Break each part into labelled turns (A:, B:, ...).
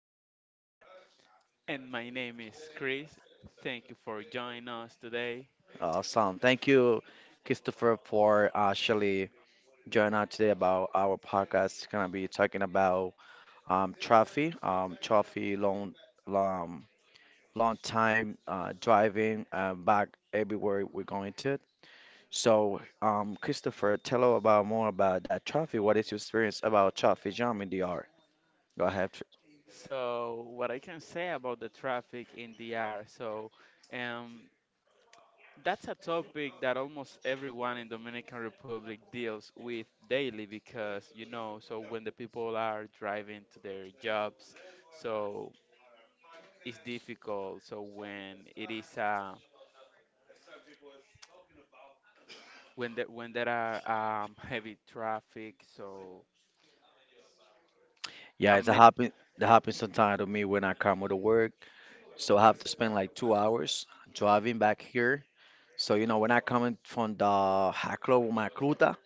A: Martinez.
B: And my name is Chris. Thank you for joining us today.
A: Thank you, Christopher, for actually joining us today about our podcast. Gonna be talking about traffic, traffic, long, long time driving back everywhere we're going to. So, Christopher, tell us about more about that traffic. What is your experience about traffic jam in the art? Go ahead.
B: So, what I can say about the traffic in DR, so um, that's a topic that almost everyone in Dominican Republic deals with daily because so when the people are driving to their jobs, so it's difficult. So when it is when there are heavy traffic, so
A: Yeah,
B: a,
A: it's a
B: ma-
A: happen. That happens sometimes to me when I come to work. So I have to spend like 2 hours driving back here. So when I coming from the Hacklo Macruta,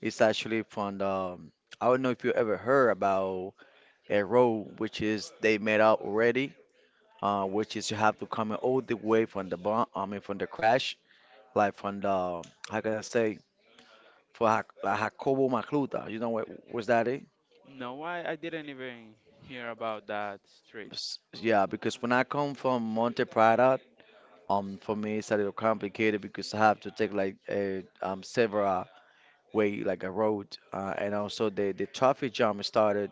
A: it's actually from the I don't know if you ever heard about a road which is they made out already, which is you have to come all the way from the bomb, I mean from the crash, like from the how can I say for Hac like Jacobo Macluta, you know what was that it?
B: no, I didn't even hear about that street.
A: Yeah, because when I come from Monte Prada. For me, it's a little complicated because I have to take like a several way like a road, and also the traffic jam started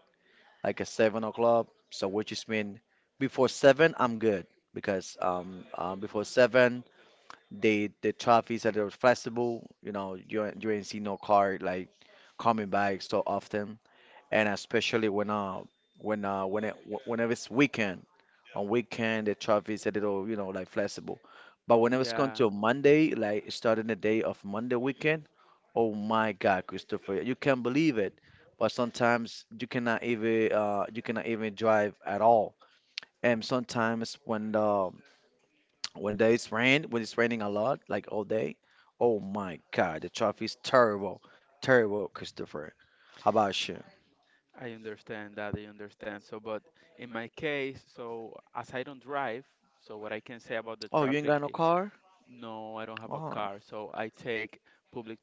A: like at 7 o'clock. So which is mean before 7 I'm good because before 7 the traffic is a little flexible. You know you ain't see no car like coming back so often, and especially when when it whenever it's weekend. On weekend the traffic is a little, you know, like flexible, but whenever it's come
B: Yeah,
A: to Monday, like starting the day of Monday weekend, oh my God, Christopher, you can't believe it, but sometimes you cannot even drive at all. And sometimes when there is rain, when it's raining a lot like all day, oh my God, the traffic is terrible, terrible, Christopher. How about you?
B: I understand that. I understand. So, but in my case, so as I don't drive, so what I can say about the
A: Oh, you ain't
B: traffic,
A: got no car.
B: no, I don't have a
A: Oh.
B: car. So I take public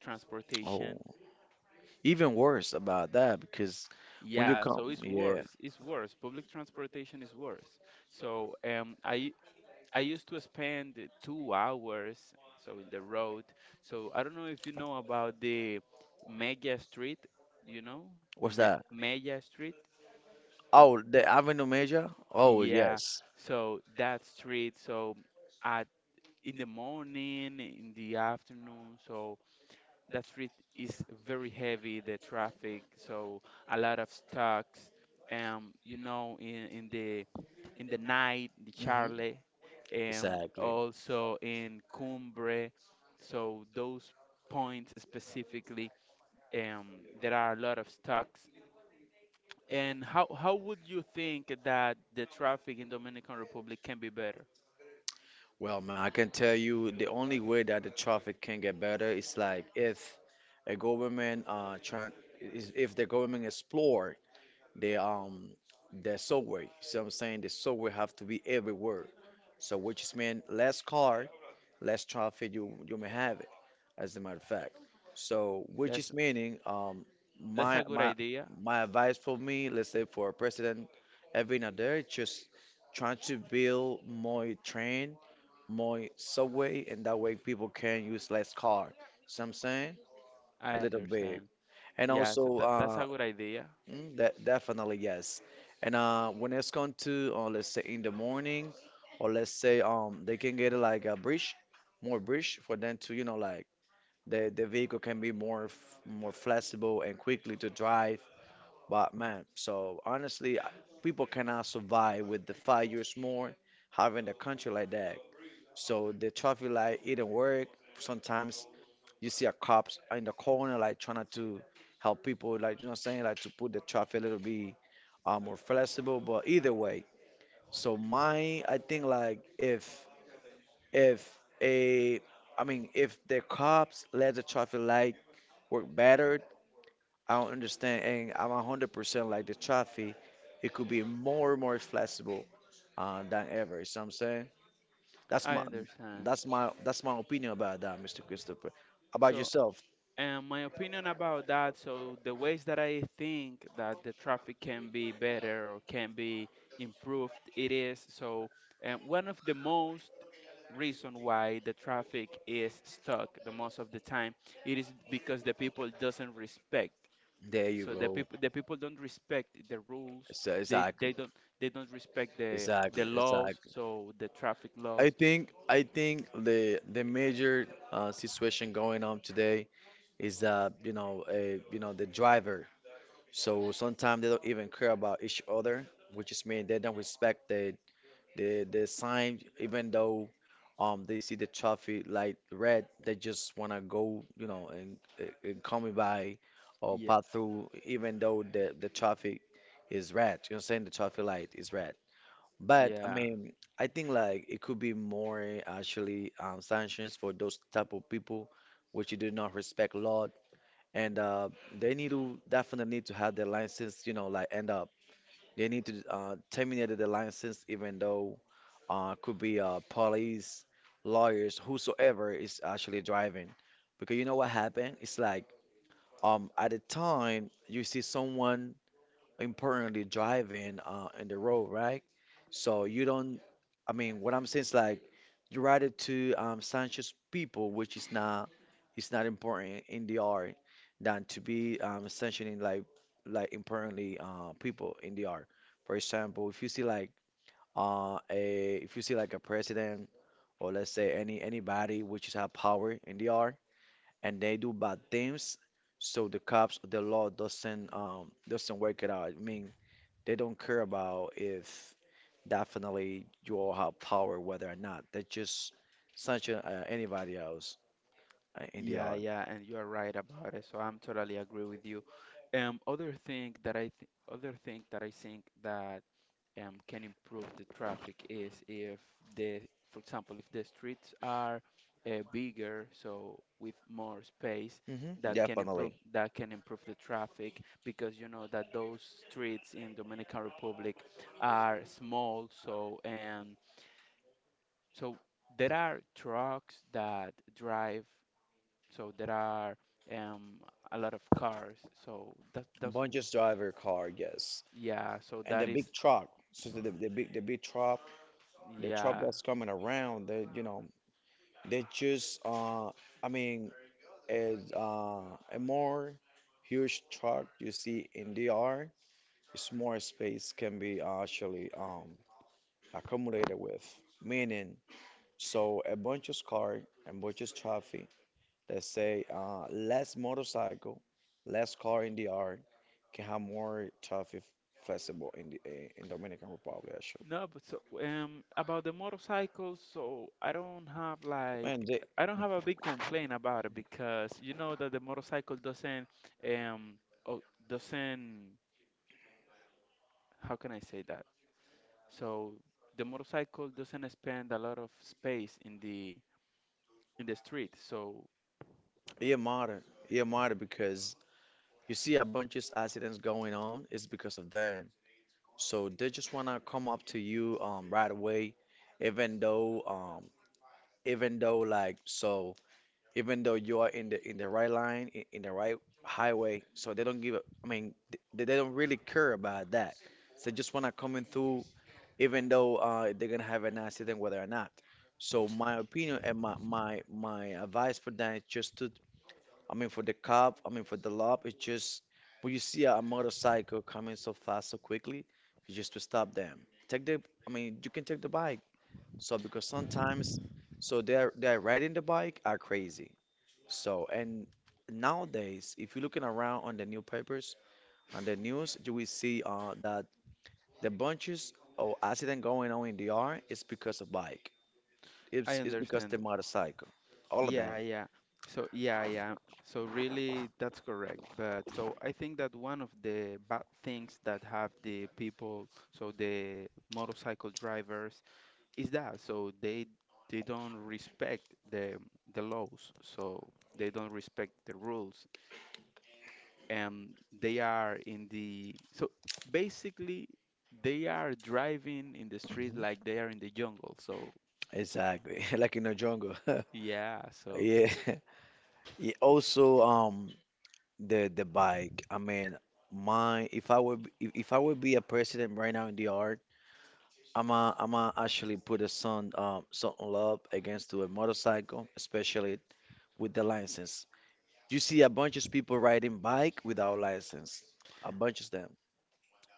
A: Oh.
B: transportation.
A: Even worse about that because when you
B: Yeah,
A: come,
B: so it's
A: yeah,
B: worse. It's worse. Public transportation is worse. So, I used to spend 2 hours so in the road. So I don't know if you know about the Mega Street. Do you know the
A: what's
B: Me
A: that?
B: Mega Street?
A: Oh, the Avenue Major? Oh,
B: Yeah.
A: yes.
B: So that street. So at in the morning, in the afternoon. So that street is very heavy. The traffic. So a lot of stocks. Um, you know, in in the in the night, the
A: Hmm.
B: Charlie, and
A: Exactly.
B: also in Cumbre. So those points specifically, there are a lot of stocks. And how would you think that the traffic in Dominican Republic can be better?
A: Well, man, I can tell you the only way that the traffic can get better is like if a government try is if the government explore the um the subway. See what I'm saying? The subway have to be everywhere. So which is mean less car, less traffic you may have it, as a matter of fact. So, which is
B: That's
A: meaning,
B: that's
A: my
B: a good
A: my
B: idea.
A: my advice for me, let's say for a president, every now there, just trying to build more train, more subway, and that way people can use less car. So I'm saying
B: I
A: a little bit,
B: understand.
A: and
B: Yeah, so
A: also
B: that's a good idea.
A: mm, definitely yes. And when it's going to, let's say in the morning, or let's say they can get like a bridge, more bridge for them to, you know, like the vehicle can be more more flexible and quickly to drive. But man, so honestly, people cannot survive with the 5 years more having a country like that. So the traffic light it not work. Sometimes you see a cops in the corner like trying to help people, like, you know, what I'm saying, like to put the traffic a little bit more flexible. But either way, so mine, I think like if a, I mean if the cops let the traffic light work better, I don't understand, and I'm 100% like the traffic, it could be more and more flexible than ever. You see what I'm saying? That's
B: I
A: my
B: understand.
A: that's my opinion about that, Mr. Christopher. About
B: So,
A: yourself?
B: and my opinion about that, so the ways that I think that the traffic can be better or can be improved, it is so, one of the most reason why the traffic is stuck the most of the time, it is because the people doesn't respect.
A: There you
B: So
A: go.
B: the people don't respect the rules.
A: So
B: They
A: exactly,
B: they don't they don't respect the laws.
A: exactly.
B: So the traffic laws.
A: I think the major situation going on today is that you know you know the driver. So sometimes they don't even care about each other, which is mean they don't respect the sign, even though they see the traffic light red, they just wanna go you know and come by or
B: Yeah,
A: pass through, even though the traffic is red. You know, what I'm saying, the traffic light is red. But I
B: yeah.
A: mean, I think like it could be more eh, actually sanctions for those type of people which do not respect law, and they need to definitely need to have their license, you know, like end up. They need to terminate the license, even though could be police, lawyers, whosoever is actually driving, because you know what happened? It's like at the time you see someone importantly driving in the road, right? So you don't, I mean, what I'm saying is like you ride it to Sanchez people, which is not, it's not important in the art than to be sanctioning like importantly people in the art. For example, if you see like if you see like a president, or let's say anybody which is have power in the art, and they do bad things, so the cops, the law doesn't work it out. I mean, they don't care about if definitely you all have power, whether or not. They're just such anybody else in the
B: Yeah,
A: art.
B: yeah, and you are right about it. So I'm totally agree with you. Other thing that I think that can improve the traffic is if the, for example, if the streets are bigger, so with more space,
A: Hmm, definitely.
B: that can improve the traffic because you know that those streets in Dominican Republic are small, so and so there are trucks that drive. So there are um, a lot of cars. So
A: Bungee's driver car, yes,
B: yeah. So
A: and
B: that
A: the
B: is,
A: big truck. So, the big truck, the truck
B: yeah.
A: that's coming around, they you know they just I mean is a more huge truck you see in DR. It's more space can be actually accommodated with. Meaning, so a bunch of car and bunch of traffic us say less motorcycle, less car in DR can have more traffic flexible in in Dominican Republic actually.
B: No, but so about the motorcycles, so
A: Man, they,
B: I don't have a big complaint about it because you know that the motorcycle doesn't um oh, doesn't how can I say that? So the motorcycle doesn't spend a lot of space in the street, so
A: it matter. It matter because you see a bunch of accidents going on. It's because of them. So they just wanna come up to you right away, even though um, even though like so even though you are in the right line in the right highway, so they don't give a, I mean they don't really care about that. So they just wanna come in through even though they're gonna have an accident whether or not. So my opinion and my advice for that is just to I mean, for the cop, I mean, for the law, it's just when you see a motorcycle coming so fast, so quickly, you just to stop them. Take the, I mean, you can take the bike. So because sometimes, so they're riding the bike are crazy. So and nowadays, if you're looking around on the newspapers, on the news, you will see that the bunches of accident going on in the yard is because of bike.
B: I
A: It's because the
B: understand.
A: motorcycle. All of them.
B: Yeah, yeah. So, yeah, yeah. So, really, that's correct. But so I think that one of the bad things that have the people, so the motorcycle drivers, is that so they don't respect the laws. So they don't respect the rules, and they are in the so basically they are driving in the street
A: Hmm.
B: like they are in the jungle. So,
A: Exactly, like in a jungle.
B: yeah, so.
A: Yeah, yeah, also, the bike. I mean, my if I would be a president right now in the art, I'm a actually put a son something love against to a motorcycle, especially with the license. You see a bunch of people riding bike without license, a bunch of them.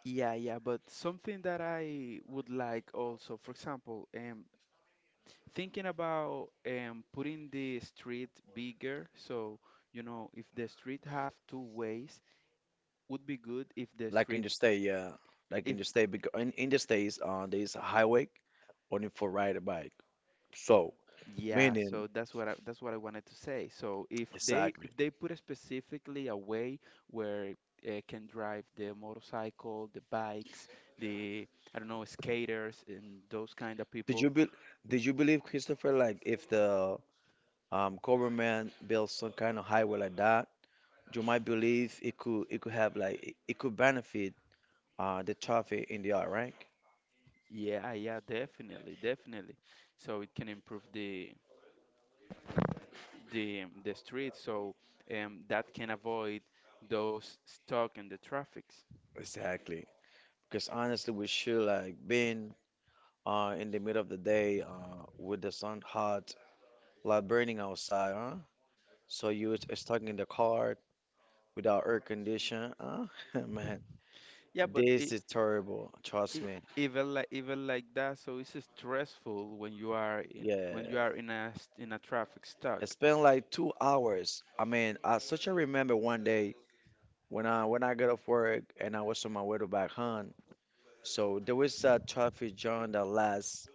B: Yeah, yeah, but something that I would like also, for example, thinking about putting the street bigger, so if the street have two ways, would be good if the
A: Like in
B: street,
A: the state, yeah, like in
B: if
A: the state because in the states, there's a highway only for ride a bike. So
B: yeah,
A: meaning
B: so that's what I wanted to say. So
A: exactly.
B: if they put specifically a way where can drive the motorcycle, the bikes, the, I don't know, skaters and those kind of
A: Did
B: people.
A: you be did you believe, Christopher, like if the government build some kind of highway like that, you might believe it could have like it could benefit the traffic in the art, right?
B: Yeah, yeah, definitely, definitely. So it can improve the street, so that can avoid those stuck in the traffics.
A: Exactly. Because honestly, we should like being in the middle of the day with the sun hot, like burning outside, huh? So you was stuck in the car without air condition, huh? Man,
B: Yeah, but
A: this
B: it,
A: is terrible. Trust
B: it
A: me.
B: even like that, so it's stressful when you are in
A: Yeah,
B: a in a traffic
A: I
B: stuck.
A: spent like 2 hours. I mean, I such a remember one day when I got off work and I was on my way to back home, so there was a traffic jam that lasts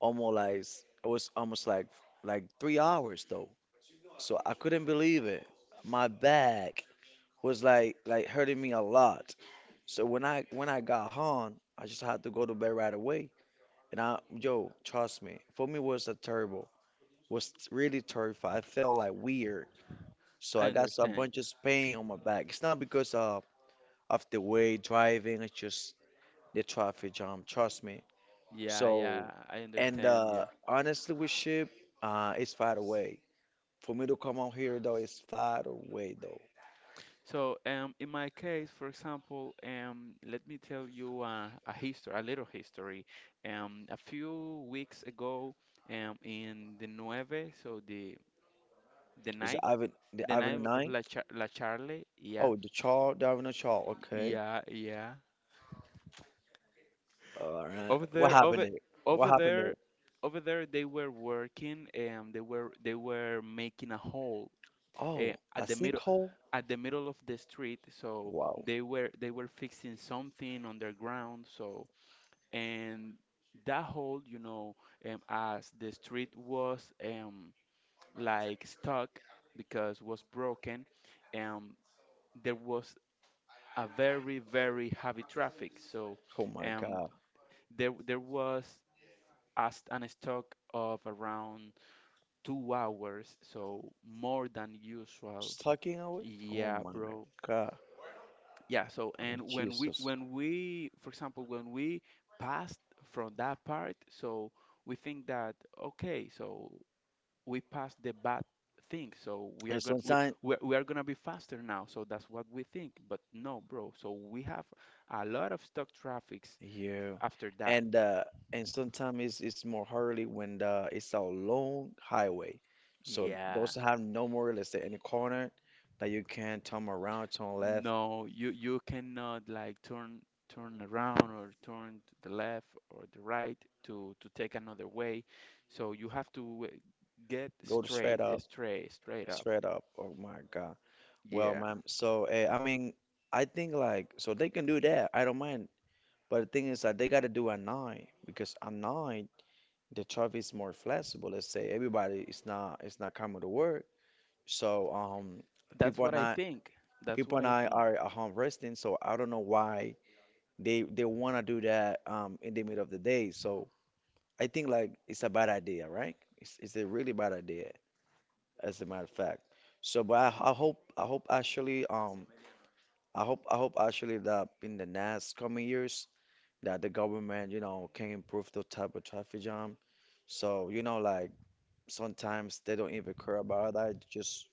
A: almost like it was almost like 3 hours though. So I couldn't believe it. My back was like hurting me a lot. So when I got home, I just had to go to bed right away. And I yo, trust me, for me was a terrible. Was really terrified. I felt like weird. So
B: I
A: I got a
B: understand
A: bunch
B: you.
A: of pain on my back. It's not because of the way driving. It's just the traffic jam. Trust me.
B: Yeah,
A: So,
B: yeah, I
A: and
B: understand you.
A: honestly, with ship, it's far away. For me to come out here though, it's far away though.
B: So, in my case, for example, let me tell you a history, a little history. A few weeks ago, in the Nueve, so the
A: Is
B: night,
A: The
B: the
A: Avenue
B: night of
A: Nine?
B: La Charle, yeah,
A: Oh, the Charles, the Avenue Charles. Okay.
B: yeah, yeah.
A: All right.
B: Over
A: What
B: there,
A: happened
B: over
A: there? What
B: over
A: happened there?
B: there, they were working. And they were making a hole
A: Oh, a
B: at the middle
A: sinkhole?
B: of the street, so
A: Wow.
B: they were fixing something underground, so and that hole, you know, as the street was like stuck because was broken, um there was a very very heavy traffic, so
A: Oh my
B: um
A: God.
B: there was as an stock of around 2 hours, so more than usual.
A: Stucking away? Oh
B: Yeah,
A: my
B: bro.
A: God.
B: Yeah, so
A: Oh,
B: and
A: Jesus.
B: when we for example, when we passed from that part, so we think that, okay, so we passed the bad thing, so
A: And sometimes
B: we are going to be faster now, so that's what we think. But no, bro, so we have a lot of stock traffics
A: yeah.
B: after that.
A: And uh and sometimes it's more hardly when the it's a long highway. So
B: Yeah.
A: those have no more, let's say, any corner that you can turn around, turn left,
B: No, you cannot like turn around or turn to the left or the right to take another way. So you have to get
A: go to straight
B: straight,
A: up,
B: straight, straight up.
A: straight up. Oh my God. Well,
B: Yeah.
A: ma'am, so I mean I think like so they can do that. I don't mind. But the thing is that they gotta do at night because at night the traffic is more flexible. Let's say everybody is not it's not coming to work. So
B: That's
A: people are
B: what I
A: not
B: think. That's
A: people
B: what
A: and
B: I
A: I
B: think.
A: are at home resting. So I don't know why they want to do that in the middle of the day. So I think like it's a bad idea, right? It's a really bad idea, as a matter of fact. So, but I hope actually I hope actually that in the next coming years that the government, you know, can improve the type of traffic jam. So, you know, like sometimes they don't even care about that, just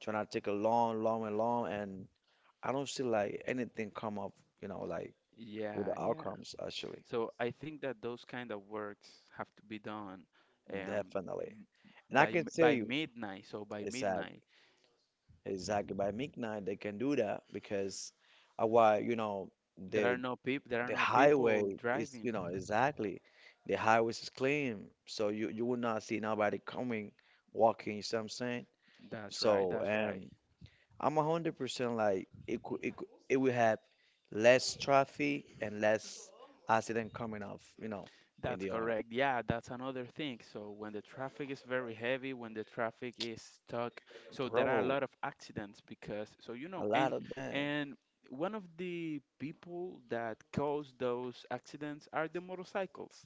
A: trying to take a long, long and long, and I don't see like anything come up, you know, like with
B: Yeah,
A: the
B: yeah.
A: outcomes actually.
B: So I think that those kind of works have to be done um
A: Definitely.
B: m-
A: And I can tell
B: by
A: you
B: midnight. So by
A: exactly,
B: midnight,
A: exactly by midnight they can do that because why, you know,
B: there are
A: the
B: no people
A: the highway is, you
B: driving.
A: know, exactly. The highways is clean, so you will not see nobody coming, walking, you see what I'm saying?
B: That's right,
A: So,
B: that's right.
A: and I'm 100% like it could, it will have less traffic and less accident coming off, you know, in
B: That's
A: the art.
B: correct. Yeah, that's another thing. So when the traffic is very heavy, when the traffic is stuck, so there are a
A: Bro,
B: lot of accidents because, so,
A: a lot of them.
B: and one of the people that cause those accidents are the motorcycles.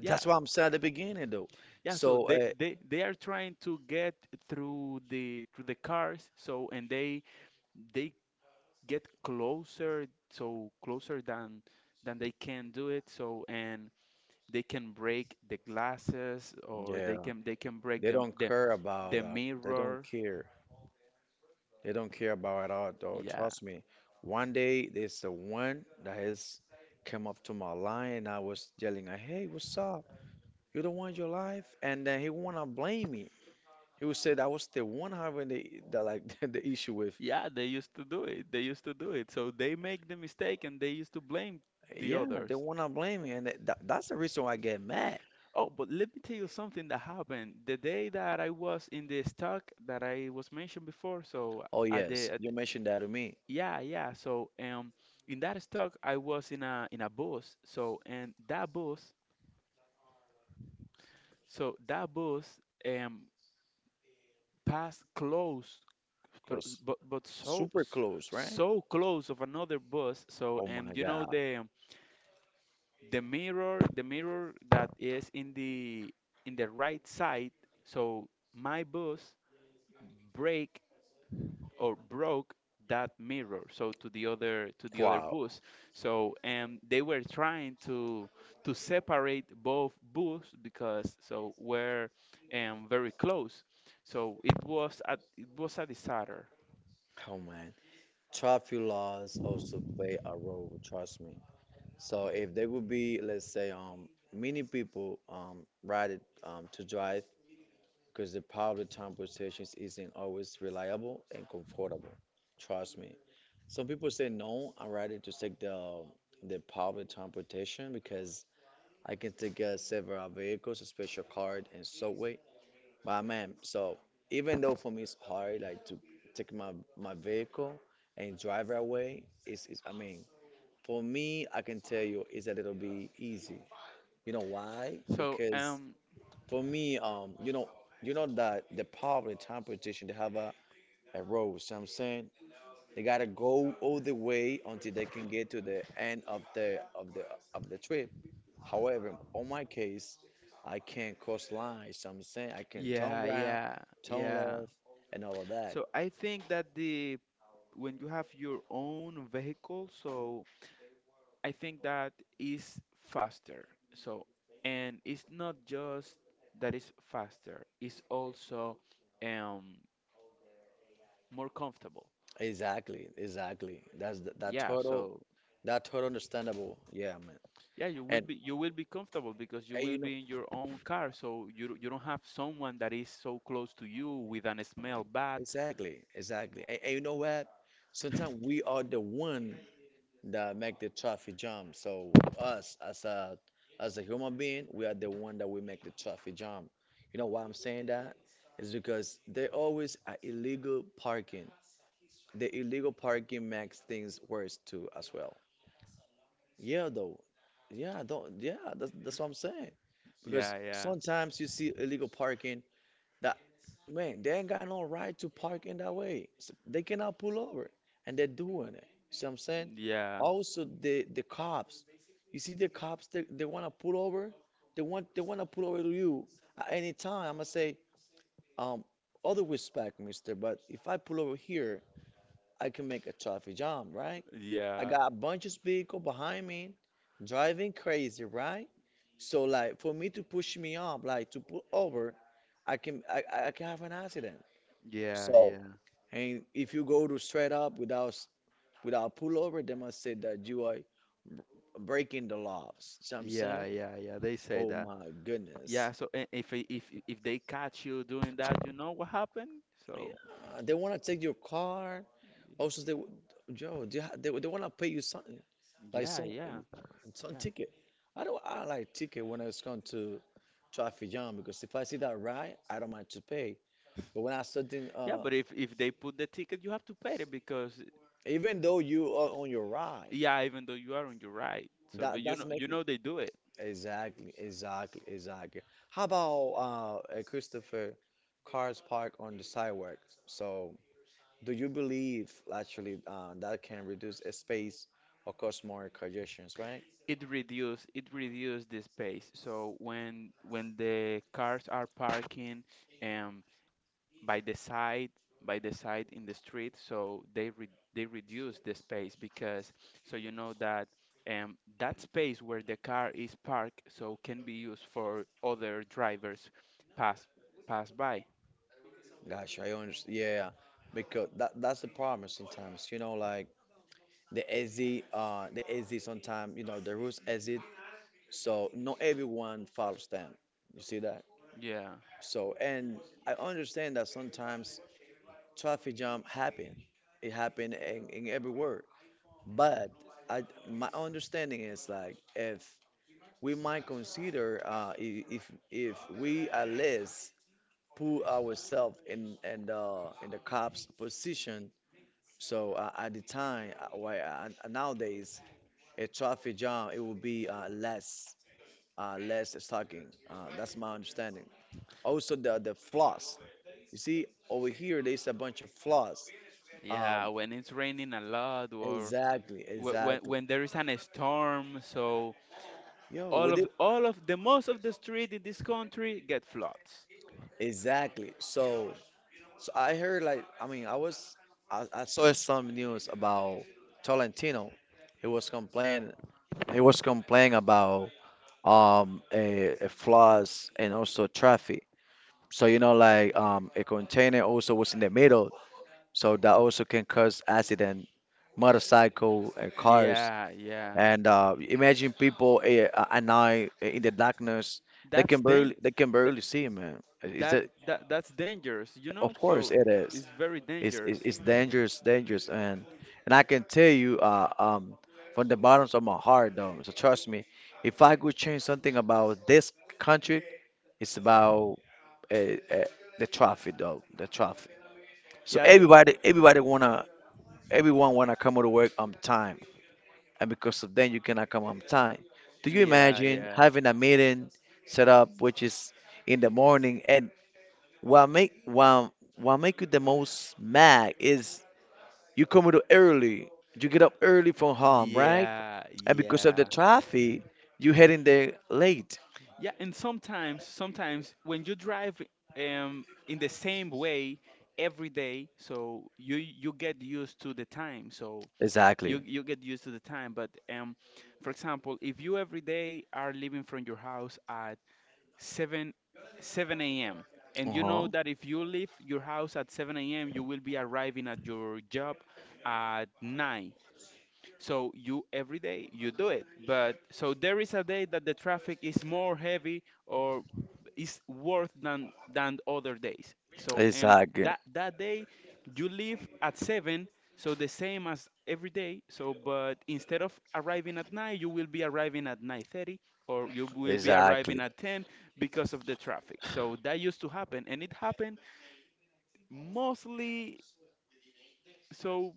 B: Yeah.
A: what I'm saying at the beginning though.
B: Yeah, so
A: So
B: they, they they are trying to get through the cars, so and they get closer, so closer than they can do it. So, and they can break the glasses or
A: yeah,
B: they can break
A: they don't care about
B: the
A: that. They don't
B: mirror.
A: care. They don't care about at all, though.
B: Yeah.
A: Trust me. One day, there's the one that has come up to my line, and I was yelling, like, "Hey, what's up? You don't want your life?" And then he wanna blame me. He would say that I was the one having the like the issue with.
B: Yeah, they used to do it. They used to do it. So they make the mistake and they used to blame the
A: Yeah, they
B: others.
A: wanna blame me, and that's the reason why I get mad.
B: Oh, but let me tell you something that happened the day that I was in the stock that I was mentioned before. So,
A: Oh yes,
B: at
A: you
B: the
A: mentioned that to me,
B: yeah, yeah. So, in that stock, I was in a bus. So and that bus um passed close,
A: cause
B: but so
A: super close, right?
B: so close of another bus. So
A: Oh my
B: and you know
A: God,
B: the mirror that is in the right side. So my bus break or broke that mirror. So to the other
A: wow.
B: bus. So and they were trying to separate both bus because so were very close. So it was a disaster.
A: Oh man, traffic laws also play a role. Trust me. So if there would be, let's say, many people ride it to drive, because the public transportation isn't always reliable and comfortable. Trust me. Some people say no, I'm ready to take the public transportation because I can take several vehicles, a special card and subway. But man, so even though for me it's hard like to take my vehicle and drive right away, it's I mean, for me I can tell you it's a little bit easy, you know why?
B: So,
A: Because for me, you know that the public transportation, they have a road. So I'm saying they gotta go all the way until they can get to the end of the trip. However, on my case, I can't cross lines. So I'm saying I can turn
B: yeah,
A: right,
B: yeah,
A: turn
B: yeah.
A: left, and all of that.
B: So I think that the when you have your own vehicle, so I think that is faster. So, and it's not just that it's faster, it's also um more comfortable.
A: Exactly, exactly. That's the, that
B: Yeah,
A: total,
B: so,
A: that total understandable. Yeah, man.
B: yeah,
A: And,
B: you will be comfortable because you
A: and
B: will
A: you know.
B: be in your own car, so you don't have someone that is so close to you with an smell bad.
A: Exactly, exactly. And you know what? Sometimes we are the one that make the traffic jump. So us as a human being, we are the one that we make the traffic jump. You know why I'm saying that? Is because they always are illegal parking. The illegal parking makes things worse too as well. Yeah, though. Yeah, don't. Yeah, that's what I'm saying.
B: Yeah,
A: Because
B: yeah.
A: sometimes you see illegal parking. Man, they ain't got no right to park in that way. They cannot pull over, and they're doing it. You see what I'm saying?
B: Yeah.
A: Also, the cops. You see the cops? They wanna pull over. They wanna pull over to you at any time. I'ma say, um, other respect, mister, but if I pull over here, I can make a traffic jam, right? I
B: Yeah.
A: got a bunch of vehicle behind me, driving crazy, right? So like for me to push me up, like to pull over, I can have an accident.
B: Yeah,
A: So,
B: yeah.
A: and if you go to straight up without pullover, they must say that you are breaking the laws. See what I'm
B: Yeah,
A: saying?
B: yeah, yeah. They say
A: Oh
B: that.
A: my
B: Yeah,
A: goodness.
B: so, if they catch you doing that, you know what happened? So,
A: Yeah, they want to take your car. Also, Joe, they want to pay you something, like
B: yeah,
A: some
B: yeah.
A: some
B: Yeah.
A: ticket. I don't I like ticket when it's come to traffic jam because if I see that ride, I don't mind to pay. But when I certain,
B: Yeah, but if they put the ticket, you have to pay it because,
A: even though you are on your ride,
B: yeah, even though you are on your right. So,
A: that
B: but
A: that's
B: you
A: make me.
B: know they do it.
A: Exactly, exactly, exactly. How about Christopher, cars parked on the sidewalk? So, do you believe actually that can reduce a space or cause more congestions, right?
B: It reduce the space. So when the cars are parking um by the side in the street, so they reduce the space because so you know that that space where the car is parked so can be used for other drivers pass pass by.
A: Gosh, I understand. Yeah, because that's the problem sometimes. You know, like the exit sometimes, you know, the rules exit. So not everyone follows them. You see that?
B: Yeah.
A: So, and I understand that sometimes traffic jam happened. It happened in every word. But I, my understanding is like if we might consider if we at least put ourselves in the cops position. So at the time, why nowadays a traffic jam it will be less stalking. That's my understanding. Also the flaws. You see over here there's a bunch of flaws.
B: Yeah,
A: Um,
B: when it's raining a lot or
A: Exactly, exactly.
B: when there is an storm, so
A: Yo, with it?
B: all of the most of the street in this country get floods.
A: Exactly. So, I heard like, I mean, I saw some news about Tolentino. He was complaining. He was complaining about a flaws and also traffic. So you know like a container also was in the middle, so that also can cause accident, motorcycle and cars.
B: Yeah, yeah.
A: And imagine people, and I, in the darkness. They
B: That's
A: can barely they can
B: that,
A: barely see, man. Is
B: that
A: that?
B: that's dangerous, you
A: Of
B: know?
A: course
B: So
A: it is.
B: it's very
A: It's it's,
B: dangerous.
A: it's dangerous, dangerous, and I can tell you, from the bottoms of my heart, though. So trust me, if I could change something about this country, it's about uh, uh, the traffic, though. The traffic. So
B: Yeah,
A: everybody everybody wanna everyone wanna come to work on time, and because of then you cannot come on time. Do you
B: yeah,
A: imagine
B: yeah.
A: having a meeting set up which is in the morning, and what make what, what make you the most mad is you come to early, you get up early from home, right?
B: Yeah,
A: And because of the
B: yeah.
A: traffic, you heading there late.
B: Yeah, and sometimes when you drive in the same way every day, so you get used to the time. So
A: Exactly.
B: you get used to the time but, for example, if you every day are leaving from your house at 7 7 a.m, and you know
A: Uh-huh.
B: that if you leave your house at 7 a.m, you will be arriving at your job at 9, so you every day you do it, but so there is a day that the traffic is more heavy or is worse than other days. So and
A: Exactly.
B: that day you leave at 7, so the same as every day. So but instead of arriving at 9, you will be arriving at 9:30 or you will be arriving
A: Exactly.
B: at 10 because of the traffic. So that used to happen, and it happened mostly, so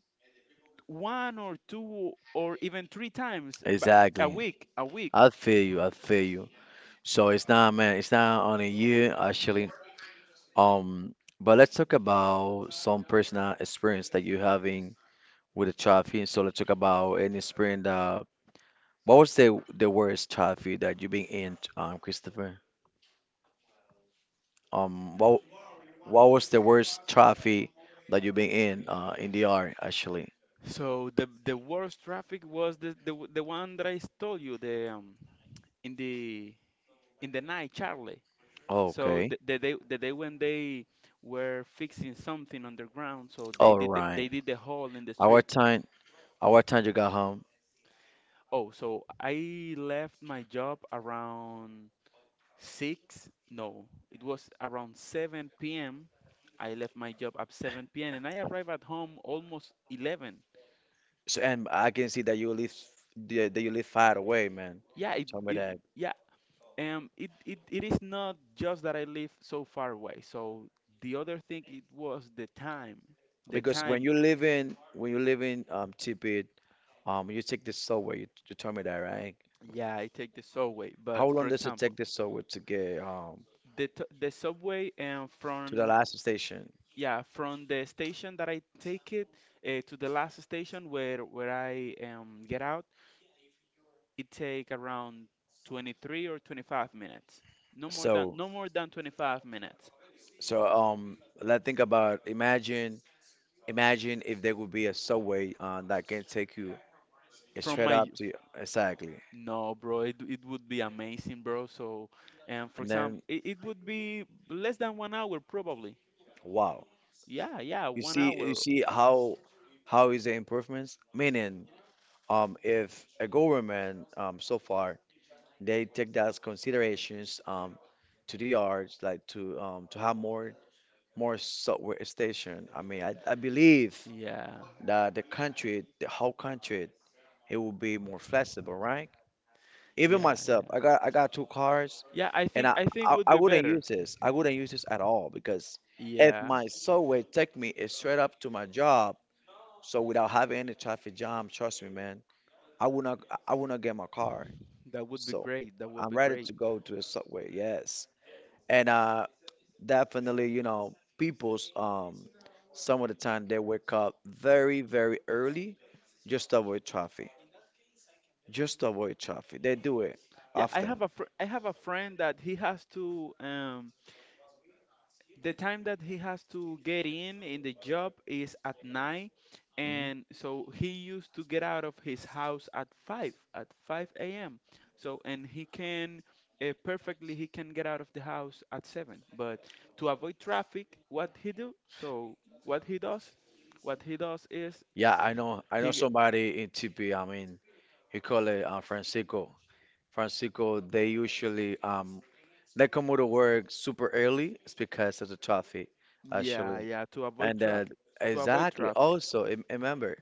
B: one or two or even three times a
A: Exactly.
B: week a week
A: I feel you. I feel you. So it's not, man. It's not on a year. Actually, But let's talk about some personal experience that you're having with the child feed. So let's talk about any experience that, what was the worst child feed that you've been in, Christopher? Um, what what was the worst child feed that you've been in the R actually?
B: So the worst traffic was the one that I told you, the in the night, Charlie. So
A: Okay,
B: the day when they were fixing something underground, so
A: all right.
B: they did the hole in the
A: Our
B: street.
A: time, our time you got home.
B: Oh, so I left my job around 6. No, it was around 7 p.m. I left my job at 7 p.m. and I arrived at home almost 11.
A: So, and I can see that you live that you live far away, man.
B: Yeah, it,
A: Tell me
B: it
A: that,
B: yeah, it is not just that I live so far away. So the other thing, it was the time, the
A: because when
B: time.
A: you live in Tibet. You take this subway. You told me that, right?
B: Yeah, I take the subway,
A: How
B: but
A: long
B: for
A: does it take
B: example,
A: this subway to get
B: the subway, and
A: to the
B: from,
A: last station?
B: yeah, from the station that I take it, to the last station, where I get out, it take around 23 or 25 minutes. No more than
A: So,
B: no more than 25 minutes.
A: so, let's think about, imagine, if there would be a subway that can take you
B: from
A: straight
B: my
A: up
B: f-
A: to, exactly,
B: no, bro, it would be amazing, bro. So and for
A: and
B: example,
A: then
B: it would be less than one hour, probably.
A: wow,
B: Yeah, yeah,
A: you
B: one
A: see,
B: hour.
A: how is the improvements? Meaning, if a government, so far they take that considerations, to the arts, like to have more software station. I mean, I believe
B: Yeah.
A: that the country, the whole country, it will be more flexible, right? Even
B: Yeah,
A: myself,
B: yeah.
A: I got two cars,
B: Yeah, I
A: and
B: think I think would
A: I
B: be
A: wouldn't
B: better.
A: use this. I wouldn't use this at all, because if
B: Yeah,
A: my subway take me straight up to my job, so without having any traffic jam, trust me, man, I would not I would not get my car.
B: that would be
A: So
B: great. That would
A: I'm
B: be
A: ready
B: great.
A: to go to the subway. Yes, and definitely, you know, people's, some of the time they wake up very, very early just to avoid traffic. Just to avoid traffic. They do it
B: Yeah, I have
A: often.
B: a friend that he has to, the time that he has to get in the job is at 9,
A: Hmm.
B: and so he used to get out of his house, at 5 a.m. So and he can perfectly he can get out of the house at 7. But to avoid traffic, what he do? So what he does? What he does is
A: Yeah, I know
B: he.
A: somebody in TP, I mean, he call it Francisco. Francisco, they usually, they come to work super early. It's because of the traffic,
B: Yeah,
A: actually.
B: yeah, to avoid
A: And
B: traffic. To avoid
A: exactly.
B: traffic.
A: Also, remember,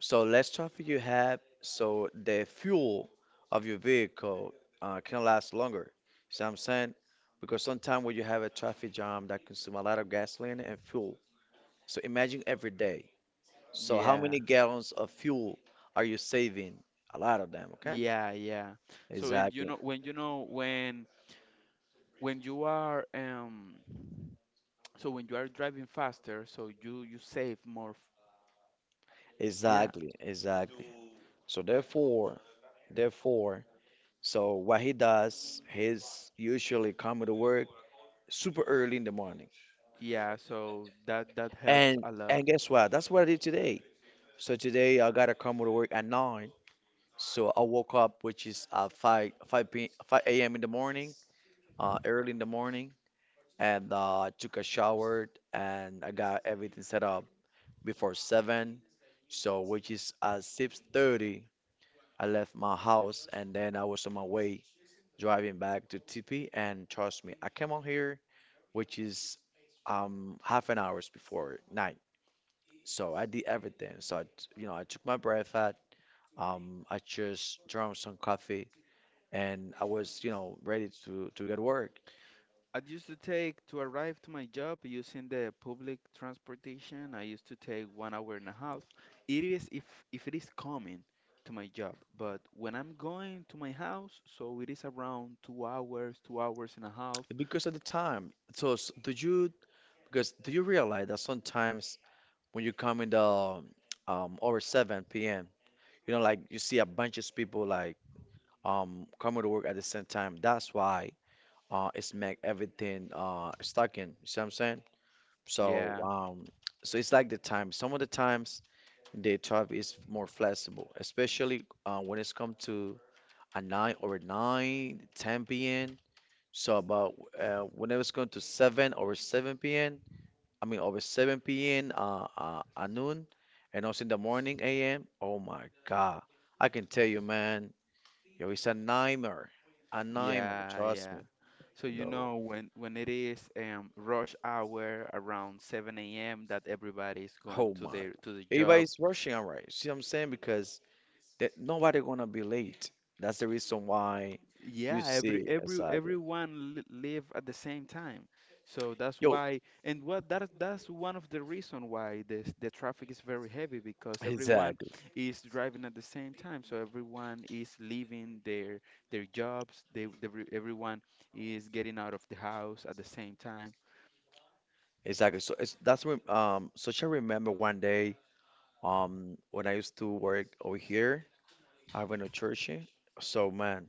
A: so let's start with, you have, so the fuel of your vehicle can last longer. See what I'm saying? Because sometimes when you have a traffic jam that consume a lot of gasoline and fuel. So imagine every day. So how
B: Yeah.
A: many gallons of fuel are you saving? A lot of them, okay?
B: Yeah, yeah. So and you
A: Exactly.
B: know, when you are, so when you are driving faster, so you save more. Yeah,
A: Exactly. Exactly. So therefore, so what he does, he's usually coming to work super early in the morning.
B: yeah. So that helps
A: And
B: a lot.
A: and guess what? That's what I did today. So today I gotta come to work at nine. So I woke up, which is five five p 5 a.m. in the morning, early in the morning, and I took a shower and I got everything set up before seven. So which is at 6:30, I left my house and then I was on my way driving back to TP. And trust me, I came on here, which is half an hours before nine. So I did everything. So I, t- you know, I took my breakfast. I just drank some coffee and I was ready to get work.
B: I used to take to arrive to my job using the public transportation. I used to take one hour and a half. It is if it is coming to my job, but when I'm going to my house, so it is around 2 hours, 2 hours and a half.
A: Because at the time, so, s do you because do you realize that sometimes when you come in the over 7 p.m., like you see a bunch of people like coming to work at the same time. That's why it's make everything stuck in. You see what I'm saying? So
B: Yeah,
A: um so it's like the time. Some of the times the job is more flexible, especially when it's come to at 9 or 9:10 p.m. So about when it was going to seven or 7 p.m. I mean over 7 p.m. At noon, and also in the morning a.m. Oh my God, I can tell you, man, yo, it's a nightmare, a nightmare.
B: yeah,
A: Trust
B: yeah.
A: me,
B: So you
A: though.
B: know when it is, rush hour, around 7 a.m., that everybody is going
A: Oh
B: to
A: my,
B: the job.
A: everybody's rushing, all right. See what I'm saying? Because that nobody gonna be late. That's the reason why you
B: Yeah,
A: see exactly.
B: everyone li live at the same time. So that's
A: Yo,
B: why. And what that that's one of the reason why this the traffic is very heavy, because everyone
A: exactly.
B: is driving at the same time. So everyone is leaving their jobs. They Everyone is getting out of the house at the same time
A: Exactly. So it's that's when so I remember one day when I used to work over here, I went to church. So man,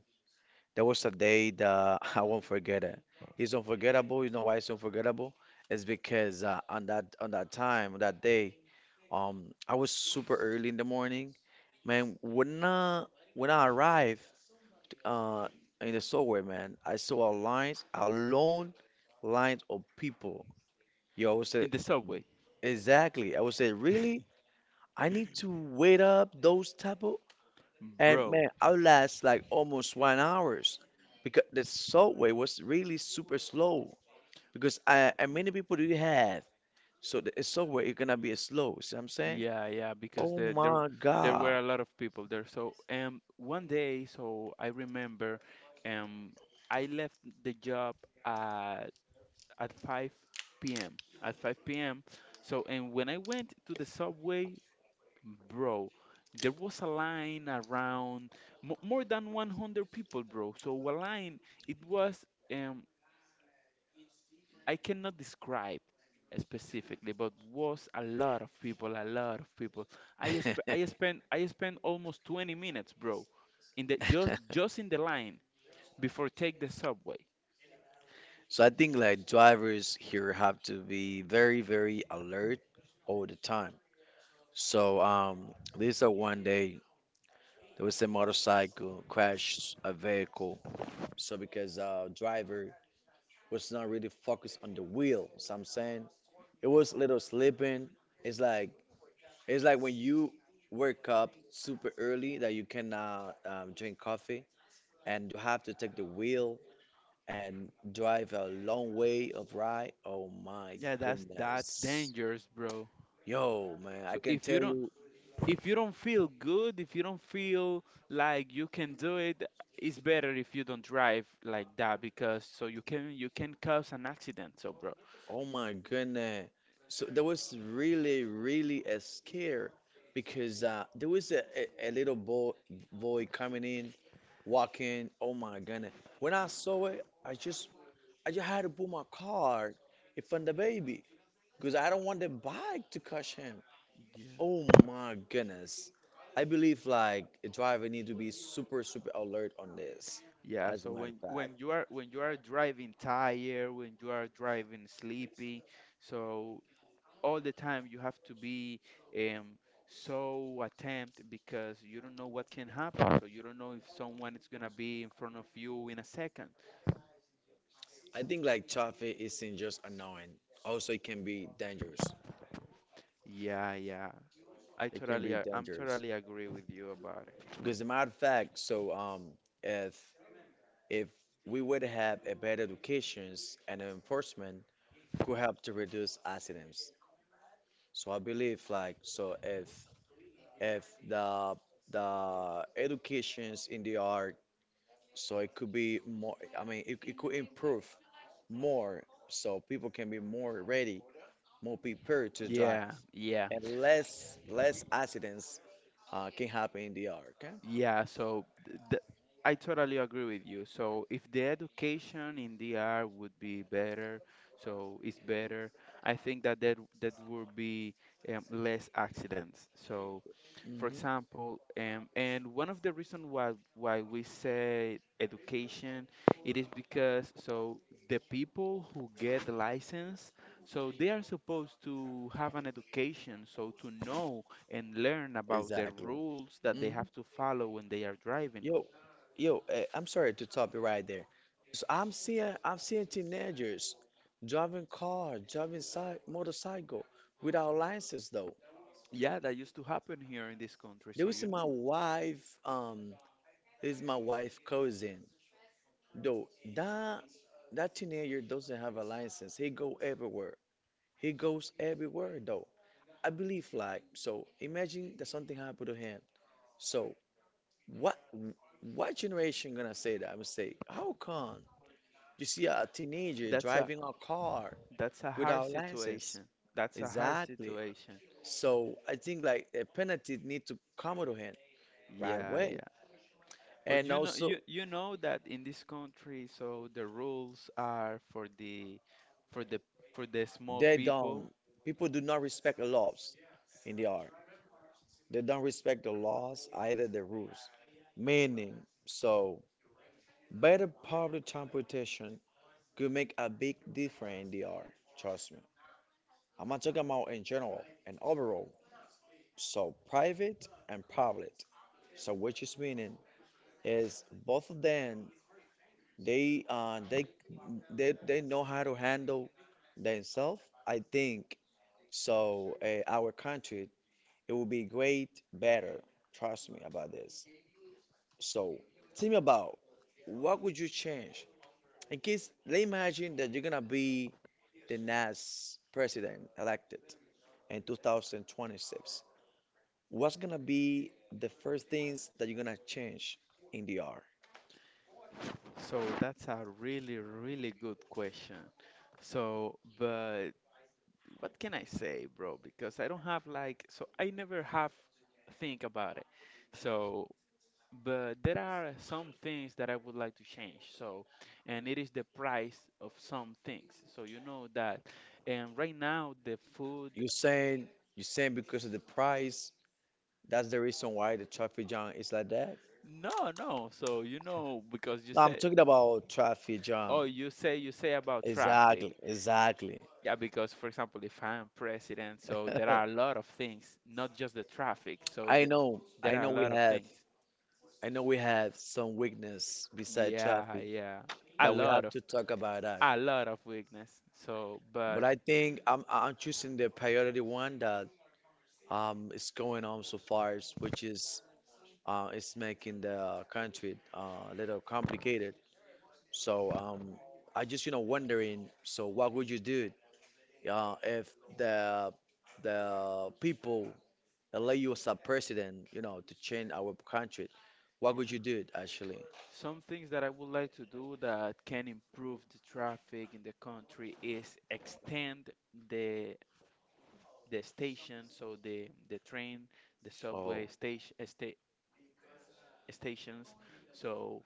A: there was a day that I won't forget it. It's unforgettable. You know why it's unforgettable? It's because on that day, I was super early in the morning. Man, when I arrived uh in the subway, man, I saw a lines, a long lines of people. Yo, I was uh,
B: in the subway.
A: Exactly. I would say, really? I need to wait up those type of. And
B: Bro,
A: man, I would last like almost one hours because the subway was really super slow. Because and many people do you have? So the subway is gonna be slow. See what I'm saying?
B: yeah, yeah, because
A: Oh
B: the, there
A: my
B: there
A: God.
B: were a lot of people there. So, one day, so I remember, um, I left the job at at 5 p.m. At 5 p.m. So and when I went to the subway, bro, there was a line around mo more than 100 people, bro. So a line, it was, um I cannot describe specifically, but was a lot of people, a lot of people. I sp- I spent I spent almost 20 minutes, bro, in the line before take the subway.
A: So I think like drivers here have to be very, very alert all the time. So this is one day there was a motorcycle crashed a vehicle. So because driver was not really focused on the wheel, so I'm saying it was a little sleeping. It's like it's like when you wake up super early that you cannot drink coffee and you have to take the wheel and drive a long way of ride. Oh my
B: Yeah, that's
A: goodness,
B: dangerous, bro.
A: yo man,
B: So
A: I can
B: if you
A: tell
B: don't
A: you.
B: if you don't feel good, if you don't feel like you can do it, it's better if you don't drive like that, because so you can cause an accident, so bro.
A: Oh my goodness, so there was really really a scare because there was a little boy coming in walking. Oh my goodness! When I saw it, I just had to put my card in front of the baby because I don't want the bike to catch him. Oh my goodness! I believe like a driver need to be super super alert on this.
B: Yeah,
A: As a
B: so
A: matter of fact,
B: when you are driving tired, when you are driving sleepy, so all the time you have to be, um so attempt, because you don't know what can happen. So you don't know if someone is gonna be in front of you in a second.
A: I think like traffic isn't just annoying. Also, it can be dangerous.
B: Yeah, yeah.
A: It can be
B: I'm
A: dangerous
B: totally agree with you about it.
A: because, as a matter of fact, so if if we would have a better educations and enforcement, could help to reduce accidents. So I believe like so if the educations in the art, so it could be more. I mean it could improve more so people can be more ready, more prepared to drive
B: Yeah, yeah.
A: and less accidents can happen in the art. Okay?
B: Yeah, so th th I totally agree with you. So if the education in DR would be better, so it's better, I think that would be, less accidents. So, for
A: Hmm.
B: example, and one of the reasons why we say education, it is because so the people who get the license, so they are supposed to have an education, so to know and learn about the
A: Exactly.
B: rules that they
A: Hmm.
B: have to follow when they are driving.
A: Yo, yo, I'm sorry to stop you right there. So I'm seeing teenagers driving car, driving cy motorcycle without license though.
B: Yeah, that used to happen here in this country,
A: There
B: so
A: is
B: you
A: my
B: know.
A: wife. This is my wife cousin. Though that that teenager doesn't have a license. He go everywhere. He goes everywhere though. I believe like so. Imagine that something happened to him. So what? What generation gonna say that? I would say, how come? You see a teenager
B: That's a
A: driving a car
B: that's a hard
A: without license.
B: situation. That's a hard
A: Exactly.
B: situation.
A: So I think like a penalty need to come to him right
B: Yeah,
A: away.
B: yeah. But
A: And also
B: you know that in this country so the rules are for for the the small
A: they don't
B: people.
A: people do not respect the laws in the art. They don't respect the laws either the rules. Meaning so better public transportation could make a big difference in the art, trust me. I'm not talking about in general and overall. So private and public. So which is meaning is both of them, they uh they they know how to handle themselves. I think so. Our country, it will be great better, trust me about this. So tell me about, what would you change, in case they imagine that you're gonna be the next president elected in 2026? What's gonna be the first things that you're gonna change in the r?
B: So that's a really, really good question. So but what can I say, bro? Because I don't have, like, so I never have think about it. So, but there are some things that I would like to change. So, and it is the price of some things. So you know that, and right now the food,
A: You saying you saying because of the price? That's the reason why the traffic jam is like that.
B: no, no. So you know because you
A: No, I'm
B: said,
A: talking about traffic jam.
B: oh, you say about traffic.
A: Exactly, exactly.
B: Yeah, because for example, if I'm president, so there are a lot of things, not just the traffic. So the, there
A: I
B: are
A: know
B: a
A: we
B: lot of
A: have,
B: things.
A: I know we have some weakness beside
B: Yeah,
A: traffic
B: yeah. A
A: that we
B: lot
A: have
B: of
A: to talk about that.
B: a lot of weakness. So,
A: But
B: but
A: I think I'm choosing the priority one that is going on so far, which is is making the country a little complicated. So I just wondering. So what would you do if the the people elect you as a president, to change our country, what
B: yeah.
A: would you do actually?
B: Some things that I would like to do that can improve the traffic in the country is extend the the station, so the train, the
A: Oh,
B: subway stations. So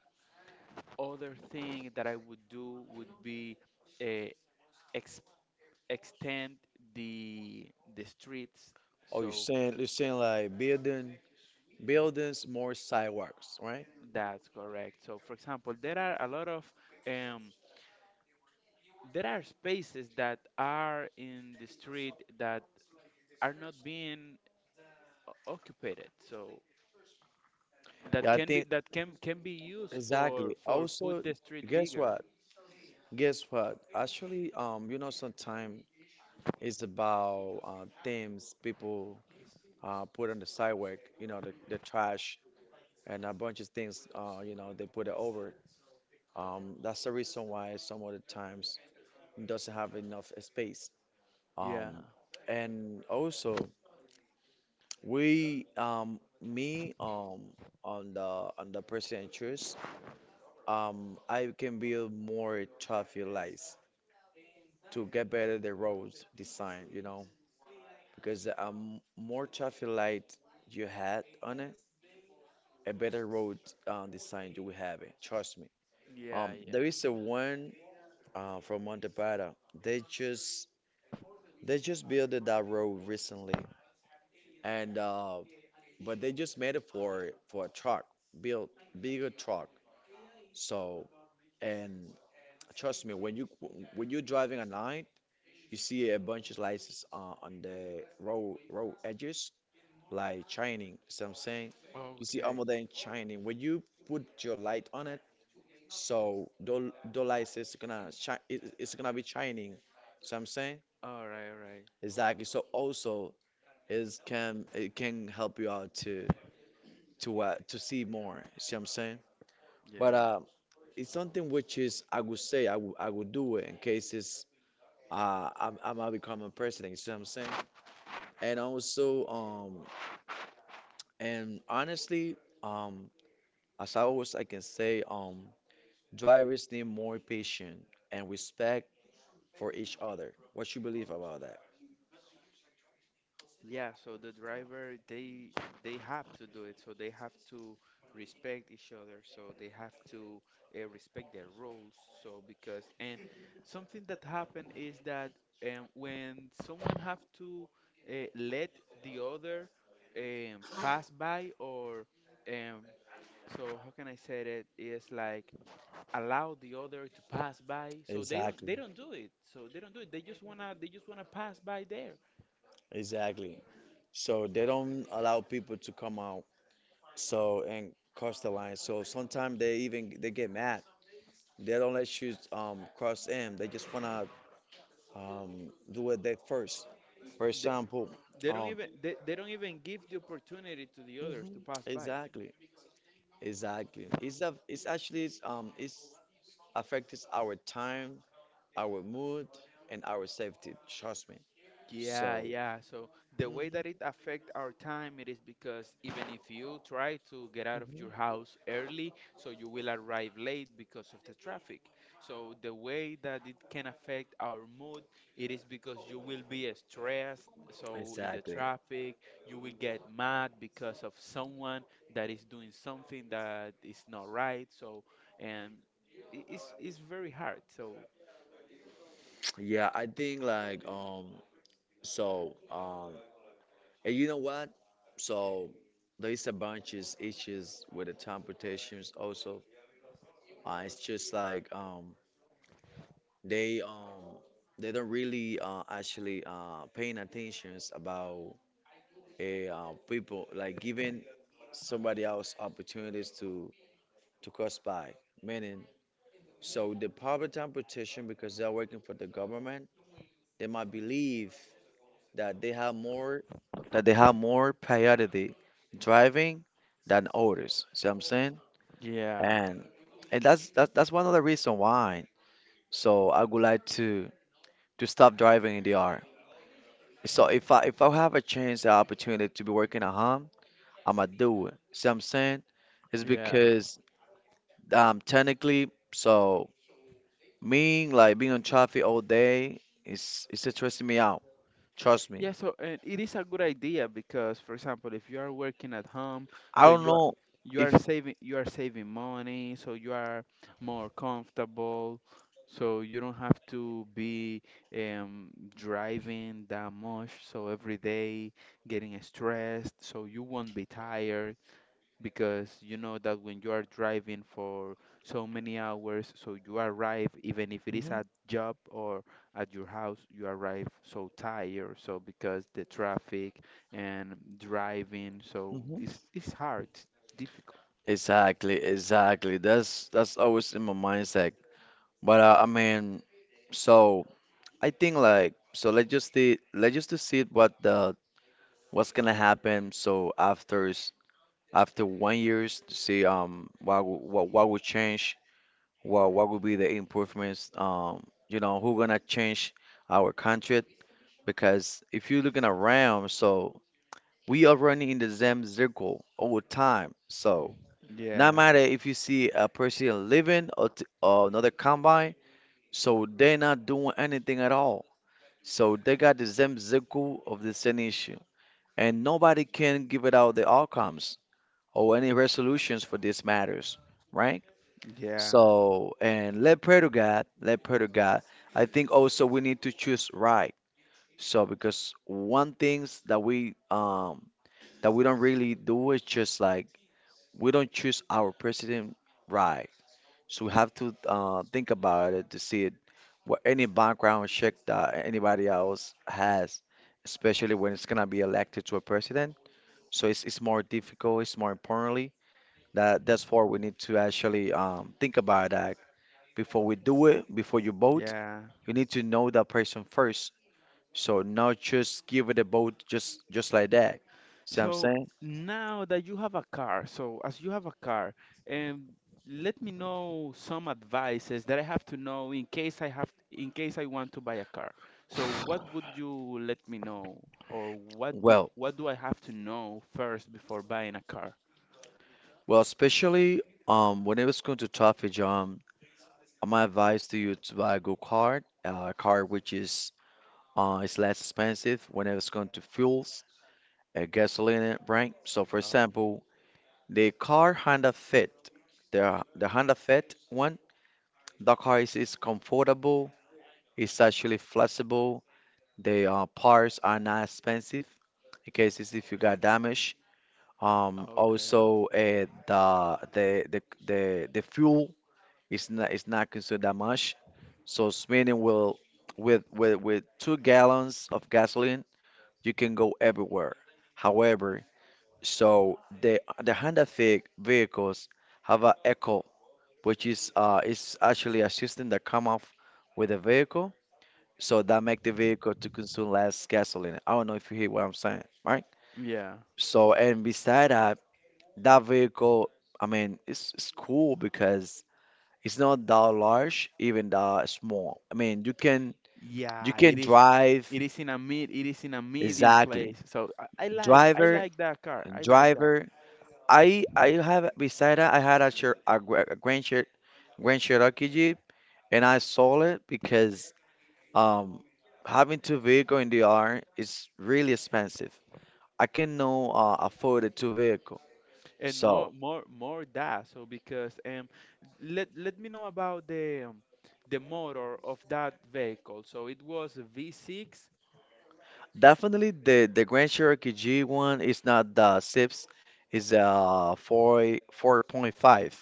B: other thing that I would do would be, uh, extend the the streets.
A: oh, you're
B: So
A: saying you're saying like building buildings, more sidewalks, right?
B: that's correct. So for example there are a lot of, um, there are spaces that are in the street that are not being occupied, so that
A: Yeah, I
B: can be
A: think
B: that can can be used for
A: exactly.
B: put
A: Also,
B: the street
A: guess
B: bigger.
A: what? Guess what? Actually, sometimes it's about things people put on the sidewalk, the trash and a bunch of things, they put it over. That's the reason why some of the times it doesn't have enough space.
B: Yeah,
A: Um, and also we me on the on the president choice, I can build more traffic lights to get better the roads design, because more traffic light you had on it, a better road design you will have it. Trust me.
B: yeah, yeah.
A: There is a one from Montepata. They just They just built that road recently, and but they just made it for a truck, built bigger truck. So and trust me, when you're driving at night, you see a bunch of lights on the road edges, like shining. So I'm saying, you see
B: Okay.
A: almost them shining. When you put your light on it, so the lights is gonna shine. It's gonna be shining. So I'm saying
B: All right, all right.
A: exactly. So also is can it can help you out to to see more. See what I'm saying? But
B: Yeah.
A: it's something which is I would say I would do it in cases I'm gonna become a president. You see what I'm saying? And also and honestly, um as I can say, drivers need more patience and respect for each other. What you believe about that?
B: Yeah, so the driver, they have to do it. So they have to respect each other. So they have to, respect their roles. So because and something that happened is that, when someone have to, let the other, pass by, or, um, so how can I say, it is like allow the other to pass by. So they don't they
A: Exactly,
B: don't do it. So they don't do it. They just wanna pass by there.
A: exactly. So they don't allow people to come out. So and cross the line. So sometimes they even they get mad. They don't let you cross in. They just wanna do it they first. For example,
B: They don't
A: um
B: even, they don't even give the opportunity to the others
A: mhm,
B: to pass by.
A: exactly, exactly. It's a, it's actually it's affects our time, our mood, and our safety. Trust me.
B: Yeah,
A: So
B: yeah. So the
A: mhm.
B: way that it affect our time, it is because even if you try to get out of your house early, so you will arrive late because of the traffic. So the way that it can affect our mood, it is because you will be, stressed. So in the
A: Exactly.
B: traffic, you will get mad because of someone that is doing something that is not right. So and it's very hard. So.
A: Yeah, I think like. So um And you know what? So there's a bunch of issues with the transportations also. It's just like they um, they don't really actually paying attentions about people like giving somebody else opportunities to cross by. Meaning, so the public transportation, because they're working for the government, they might believe that they have more priority driving than others. See what I'm saying?
B: Yeah,
A: And and that's one of the reason why. So I would like to stop driving in the R. So if I have a chance, the opportunity to be working at home, I'ma do it. See what I'm saying? It's
B: yeah.
A: because technically, so me like being on traffic all day is it's stressing me out. Trust me.
B: Yeah, so and it is a good idea because, for example, if you are working at home,
A: I
B: so
A: don't know if.
B: you are saving money, so you are more comfortable, so you don't have to be um, driving that much, so every day getting stressed, so you won't be tired because you know that when you are driving for so many hours, so you arrive, even if it is
A: Hmm.
B: at job or at your house, you arrive so tired. So because the traffic and driving, so it's hard, it's difficult.
A: Exactly, exactly. That's always in my mindset. But I mean, so I think like so let's just see let's just to see what the what's gonna happen. So after 1 years to see what would change, what would be the improvements. Who gonna change our country? Because if you're looking around, so we are running in the same circle all the time. So. Not
B: Yeah,
A: matter if you see a person living or another combine, so they're not doing anything at all. So they got the same circle of the same issue, and nobody can give it out the outcomes or any resolutions for these matters, right?
B: yeah,
A: So and let pray to God, let pray to God. I think also we need to choose right. So because one things that we don't really do is just like we don't choose our president right. So we have to think about it to see it, what any background check that anybody else has, especially when it's gonna be elected to a president. So it's more difficult. It's more importantly that's why we need to actually think about that before we do it. Before you vote,
B: yeah.
A: you need to know that person first. So not just give it a vote just like that. See what I'm
B: So
A: saying?
B: now that you have a car, so as you have a car, and let me know some advices that I have to know, in case I want to buy a car. So what would you let me know, or what do
A: Well,
B: what do I have to know first before buying a car?
A: well, especially when it was going to topic, John. My advice to you to buy a good car, a car which is less expensive when it's going to fuels, gasoline, right? So, for
B: Oh,
A: example, the car Honda Fit, the Honda Fit one, the car is comfortable, it's actually flexible. The parts are not expensive in cases if you got damage.
B: okay.
A: Also, the fuel. It's not considered that much. So Sweden will with 2 gallons of gasoline, you can go everywhere. However, so the Honda Fit vehicles have a Echo, which is actually a system that come off with the vehicle, so that make the vehicle to consume less gasoline. I don't know if you hear what I'm saying, right?
B: Yeah.
A: So and beside that, that vehicle, I mean, it's cool because. It's not that large, even that small. I mean, you
B: Yeah, it
A: can
B: is
A: drive
B: it is in a medium
A: exactly.
B: place. So I, I like I
A: Driver,
B: like that car. I like that.
A: driver. I have beside that I had a Grand Cherokee Jeep, and I sold it because um having two vehicle in the R is really expensive. I cannot afford a two vehicle,
B: And more
A: so
B: more more that, so because, let me know about the motor of that vehicle. So it was a V6?
A: definitely the Grand Cherokee G one is not the six, is a 4.5.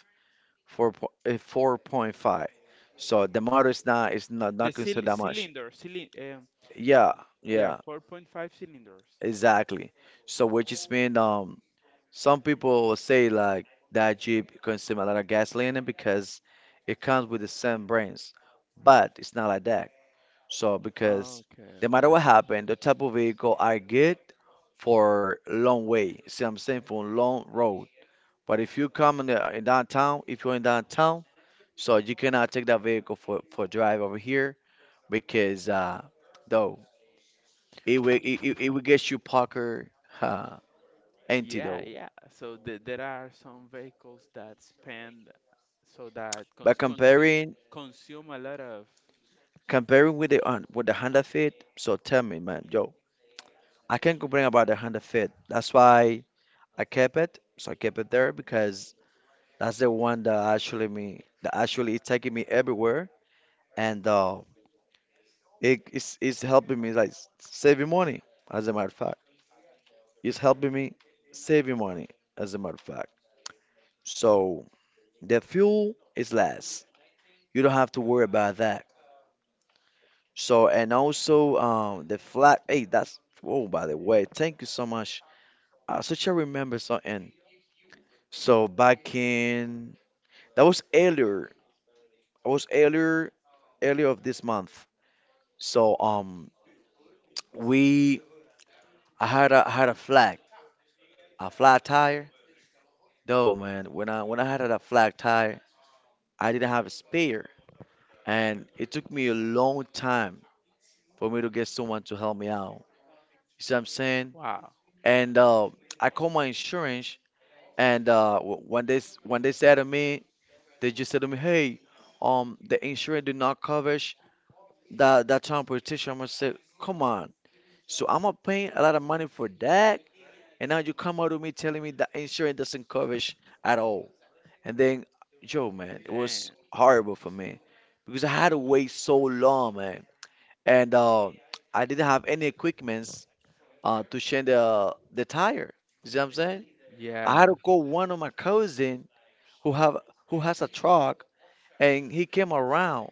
A: Four po 4.5. So the motor is not
B: the
A: not
B: cyl
A: considered that much.
B: cylinder cylind um,
A: Yeah,
B: yeah
A: yeah,
B: 4.5 cylinders.
A: exactly. So which is mean some people will say like that Jeep consume a lot of gasoline because it comes with the same brains, but it's not like that. So because
B: Okay,
A: no matter
B: okay.
A: what happened, the type of vehicle are good for long way. See, what I'm saying for long road. But if you come in downtown, if you're in downtown. So you cannot take that vehicle for a drive over here because though it will it will get you Parker uh,
B: Yeah,
A: antidote.
B: yeah. So there are some vehicles that spend, so that
A: But
B: cons cons consume a lot of.
A: comparing with the on with the Honda Fit, so tell me man, yo, I can't complain about the Honda Fit. That's why I kept it. So I kept it there because that's the one that actually is taking me everywhere and it, it's helping me like saving money as a matter of fact. It's helping me save you money, as a matter of fact. So the fuel is less. You don't have to worry about that. So and also the flat. Hey, that's oh by the way, thank you so much. I such I remember something. So back in that was earlier. I was earlier earlier of this month. So we I had a flat tire. Though man, when I had a flat tire, I didn't have a spare. And it took me a long time for me to get someone to help me out. You see what I'm saying?
B: Wow.
A: And I called my insurance, and when they said to me, they just said to me, "Hey, the insurance did not cover that transportation." I'm gonna say, "Come on." So I'm gonna pay a lot of money for that, and now you come out with me telling me that insurance doesn't cover at all. And then, Joe, man, it was
B: Damn.
A: horrible for me because I had to wait so long, man. And I didn't have any equipments to change the tire. You see what I'm saying? I had
B: Yeah.
A: to call one of my cousin who have who has a truck, and he came around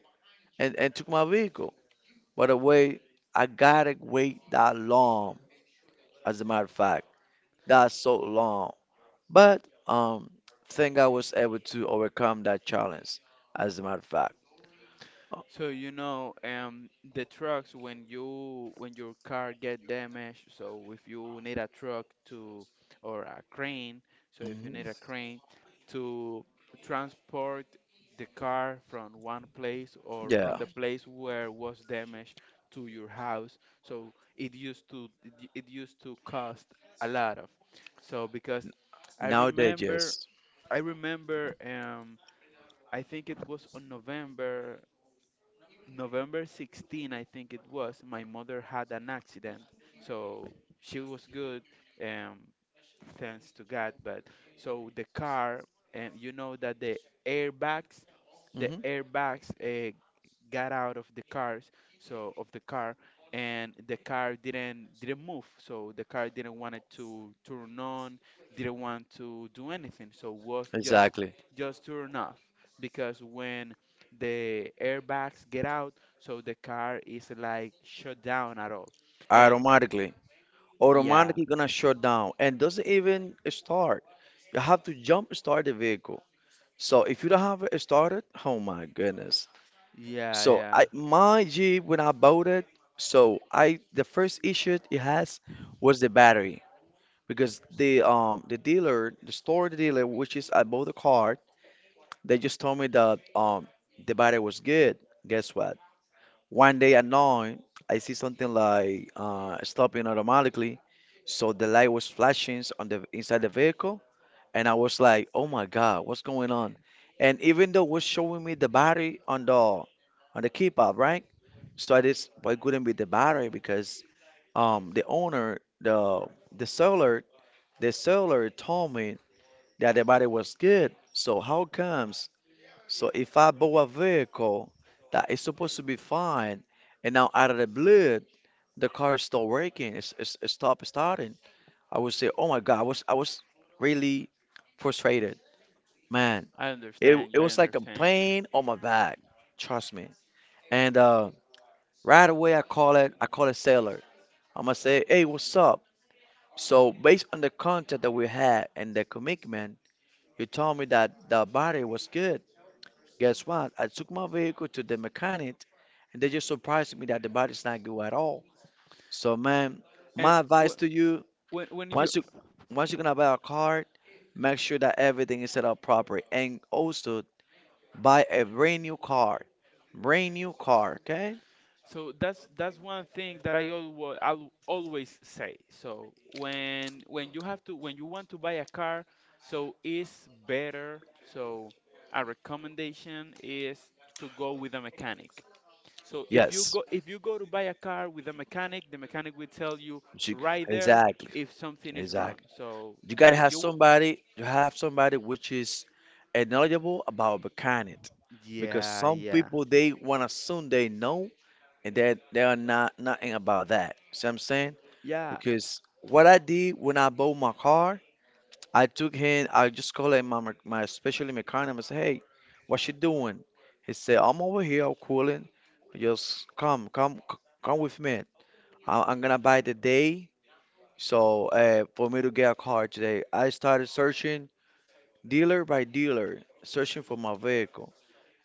A: and took my vehicle. By the way, I gotta wait that long. As a matter of fact, that's so long. But think I was able to overcome that challenge. As a matter of fact,
B: So you know, the trucks, when your car get damaged, so if you need a truck to, or a crane, so if you
A: hmm,
B: need a crane to transport the car from one place, or from
A: yeah.
B: the place where was damaged, to your house, so it used to cost a lot of. So because I
A: Nowadays,
B: remember,
A: yes.
B: I remember um
A: Hmm. Exactly. Automatically. Automatically gonna shut down and doesn't even start. You have to jump start the vehicle. So if you don't have it started, oh my goodness. So I my Jeep when I bought it, so I the first issue it has was the battery because the dealer, the store dealer, which is I bought the car, they just told me that the battery was good. Guess what? One day at night, I see something like stopping automatically, so the light was flashing on the inside the vehicle, and I was like, "Oh my God, what's going on?" And even though it was showing me the battery on the keypad, right? So I just why couldn't be the battery because um the owner the the seller the seller told me that the battery was good. So how comes? So if I bought a vehicle that is supposed to be fine, and now out of the blue, the car is still working, it stopped starting, I would say, oh my God, I was really frustrated. Man, it was like a pain on my back. Trust me. And right away, I call it Sailor. I'm gonna say, hey, what's up? So based on the contact that we had and the commitment, you told me that the body was good. Guess what? I took my vehicle to the mechanic and they just surprised me that the body's not good at all. So man, my advice to you, once you once you're gonna buy a car, make sure that everything is set up properly and also buy a brand new car. Brand new car, okay? Yes. You- exactly. Exactly. You gotta have somebody you have somebody which is knowledgeable about mechanic because some people they wanna assume they know and that there are not nothing about that. See what I'm saying? Because what I did when I bought my car, I took him. I just called him my specialty mechanic. I said, "Hey, what you doing?" He said, "I'm over here. I'm cooling. Just come with me. I'm gonna buy the day. So for me to get a car today, I started searching dealer by dealer, searching for my vehicle,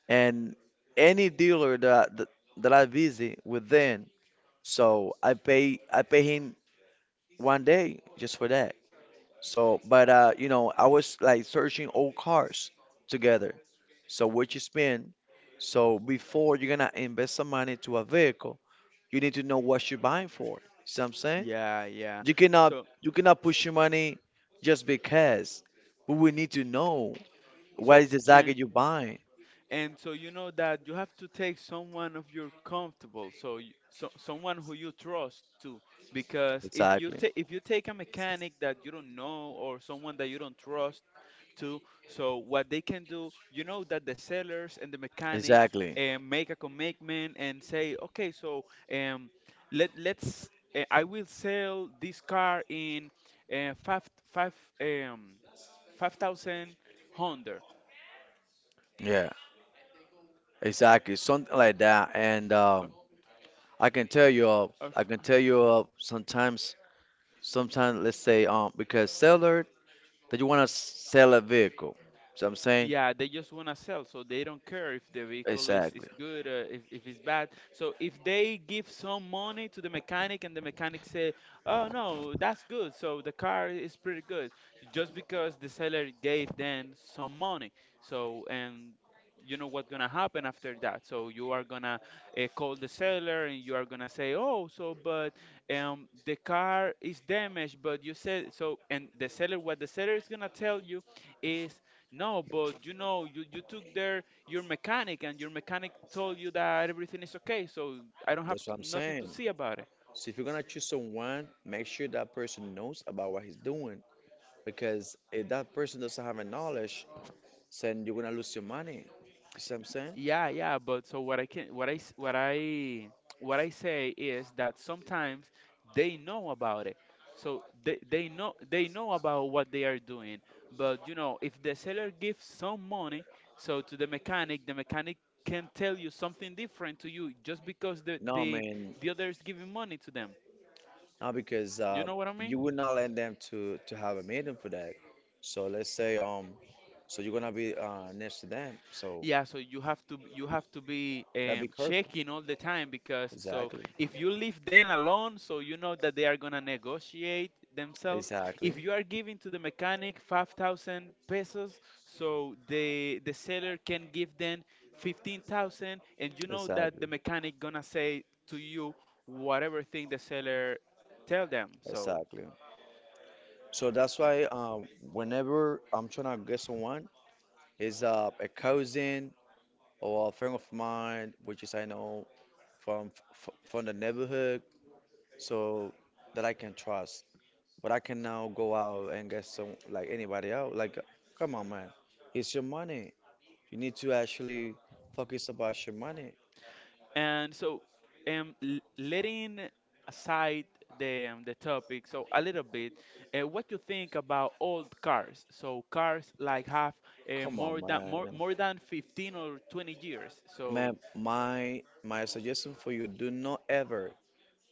A: and any dealer that I visit within so I pay him 1 day just for that. So, but you know, I was like searching old cars together. So what you spend. So before you're gonna invest some money to a vehicle, you need to know what you're buying for. See what I'm saying? You cannot you cannot push your money just because. But we need to know what is exactly you're buying. Exactly. Exactly. Yeah. Exactly. Something like that. And I can tell you all. I can tell you all. Sometimes let's say because seller that you wanna sell a vehicle. So I'm saying exactly. That's what I'm saying. So if you're gonna choose someone, make sure that person knows about what he's doing. Because if that person doesn't have a knowledge, then you're gonna lose your money. You see what I'm saying? No, man, not because you would not let them to have a meeting for that. So let's say so you're gonna be next to them. So gotta be careful. Exactly. Exactly. Exactly. Exactly. So that's why whenever I'm trying to get someone, is a cousin or a friend of mine, which is I know from the neighborhood, so that I can trust. But I can now go out and get some like anybody out. Like, come on, man. It's your money. You need to actually focus about your money. Come on, man. Man, my suggestion for you: do not ever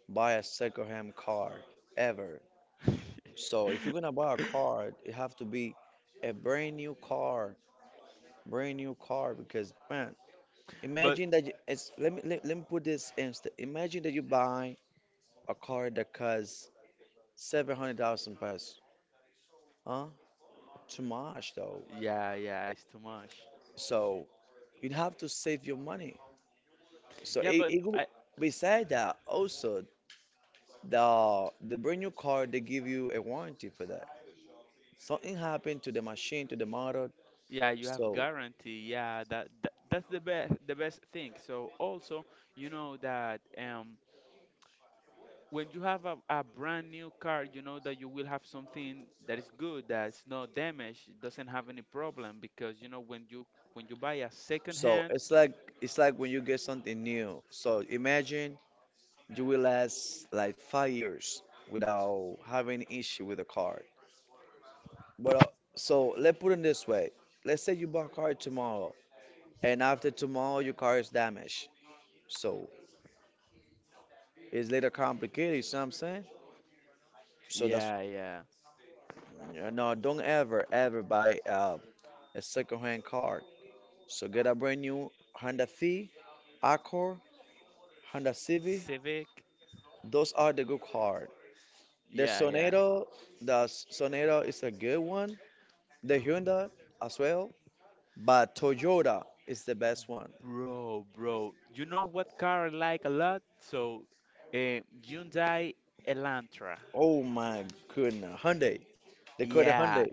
A: buy a secondhand car ever. So if you're gonna buy a car, it have to be a brand new car, brand new car. Because man, imagine that you, it's, let me put this instead. Imagine that you buy a car that costs 700,000 pesos. Huh? Too much though. So you'd have to save your money. So it could be- beside that also. The brand new car they give you a warranty for that. Something happened to the machine, to the motor. So so it's like it's like when you get something new. So imagine you will last like 5 years without having an issue with the car. But so let's put it this way. Let's say you buy a car tomorrow, and after tomorrow your car is damaged. So it's later complicated. You see what I'm saying? So that's no, don't ever ever buy a second-hand car. So get a brand new Honda Fit, Accord, Honda Civic. Those are the good cars. The Sonata, the Sonata is a good one. The Hyundai as well, but Toyota is the best one. Oh my goodness, Hyundai. They call it Hyundai.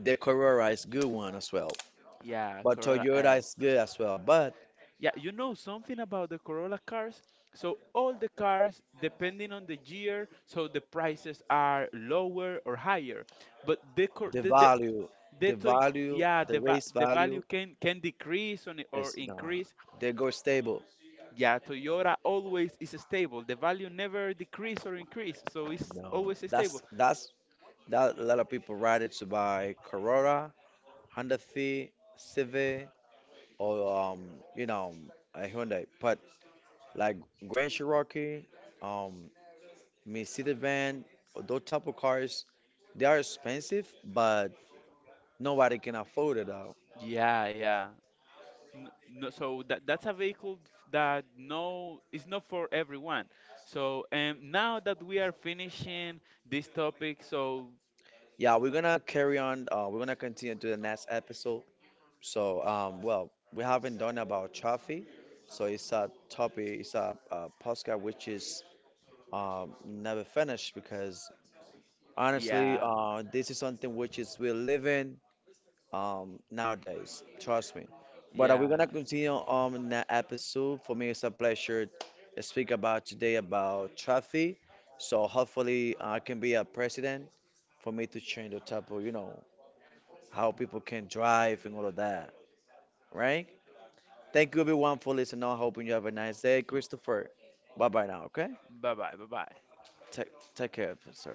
A: The Corolla is good one as well, but Toyota is good as well. But the value, the value, the race value is not. They go stable. No, that's that a lot of people ride it to buy Corolla, Honda Fit, Civic, or you know, a Hyundai. But like Grand Cherokee, um, Mercedes van, or those type of cars, they are expensive, but nobody can afford it though. Yeah, we're gonna carry on. We're gonna continue to the next episode. So, well, we haven't done about traffic, so it's a topic, it's a podcast which is never finished because honestly, this is something which is we live in nowadays. Trust me. But are we gonna continue on in that episode? For me, it's a pleasure to speak about today about traffic. So hopefully, I can be a president for me to change the type of you know how people can drive and all of that. Right? Thank you everyone for listening. I'm hoping you have a nice day, Christopher. Bye bye now. Okay? Take take care, sir.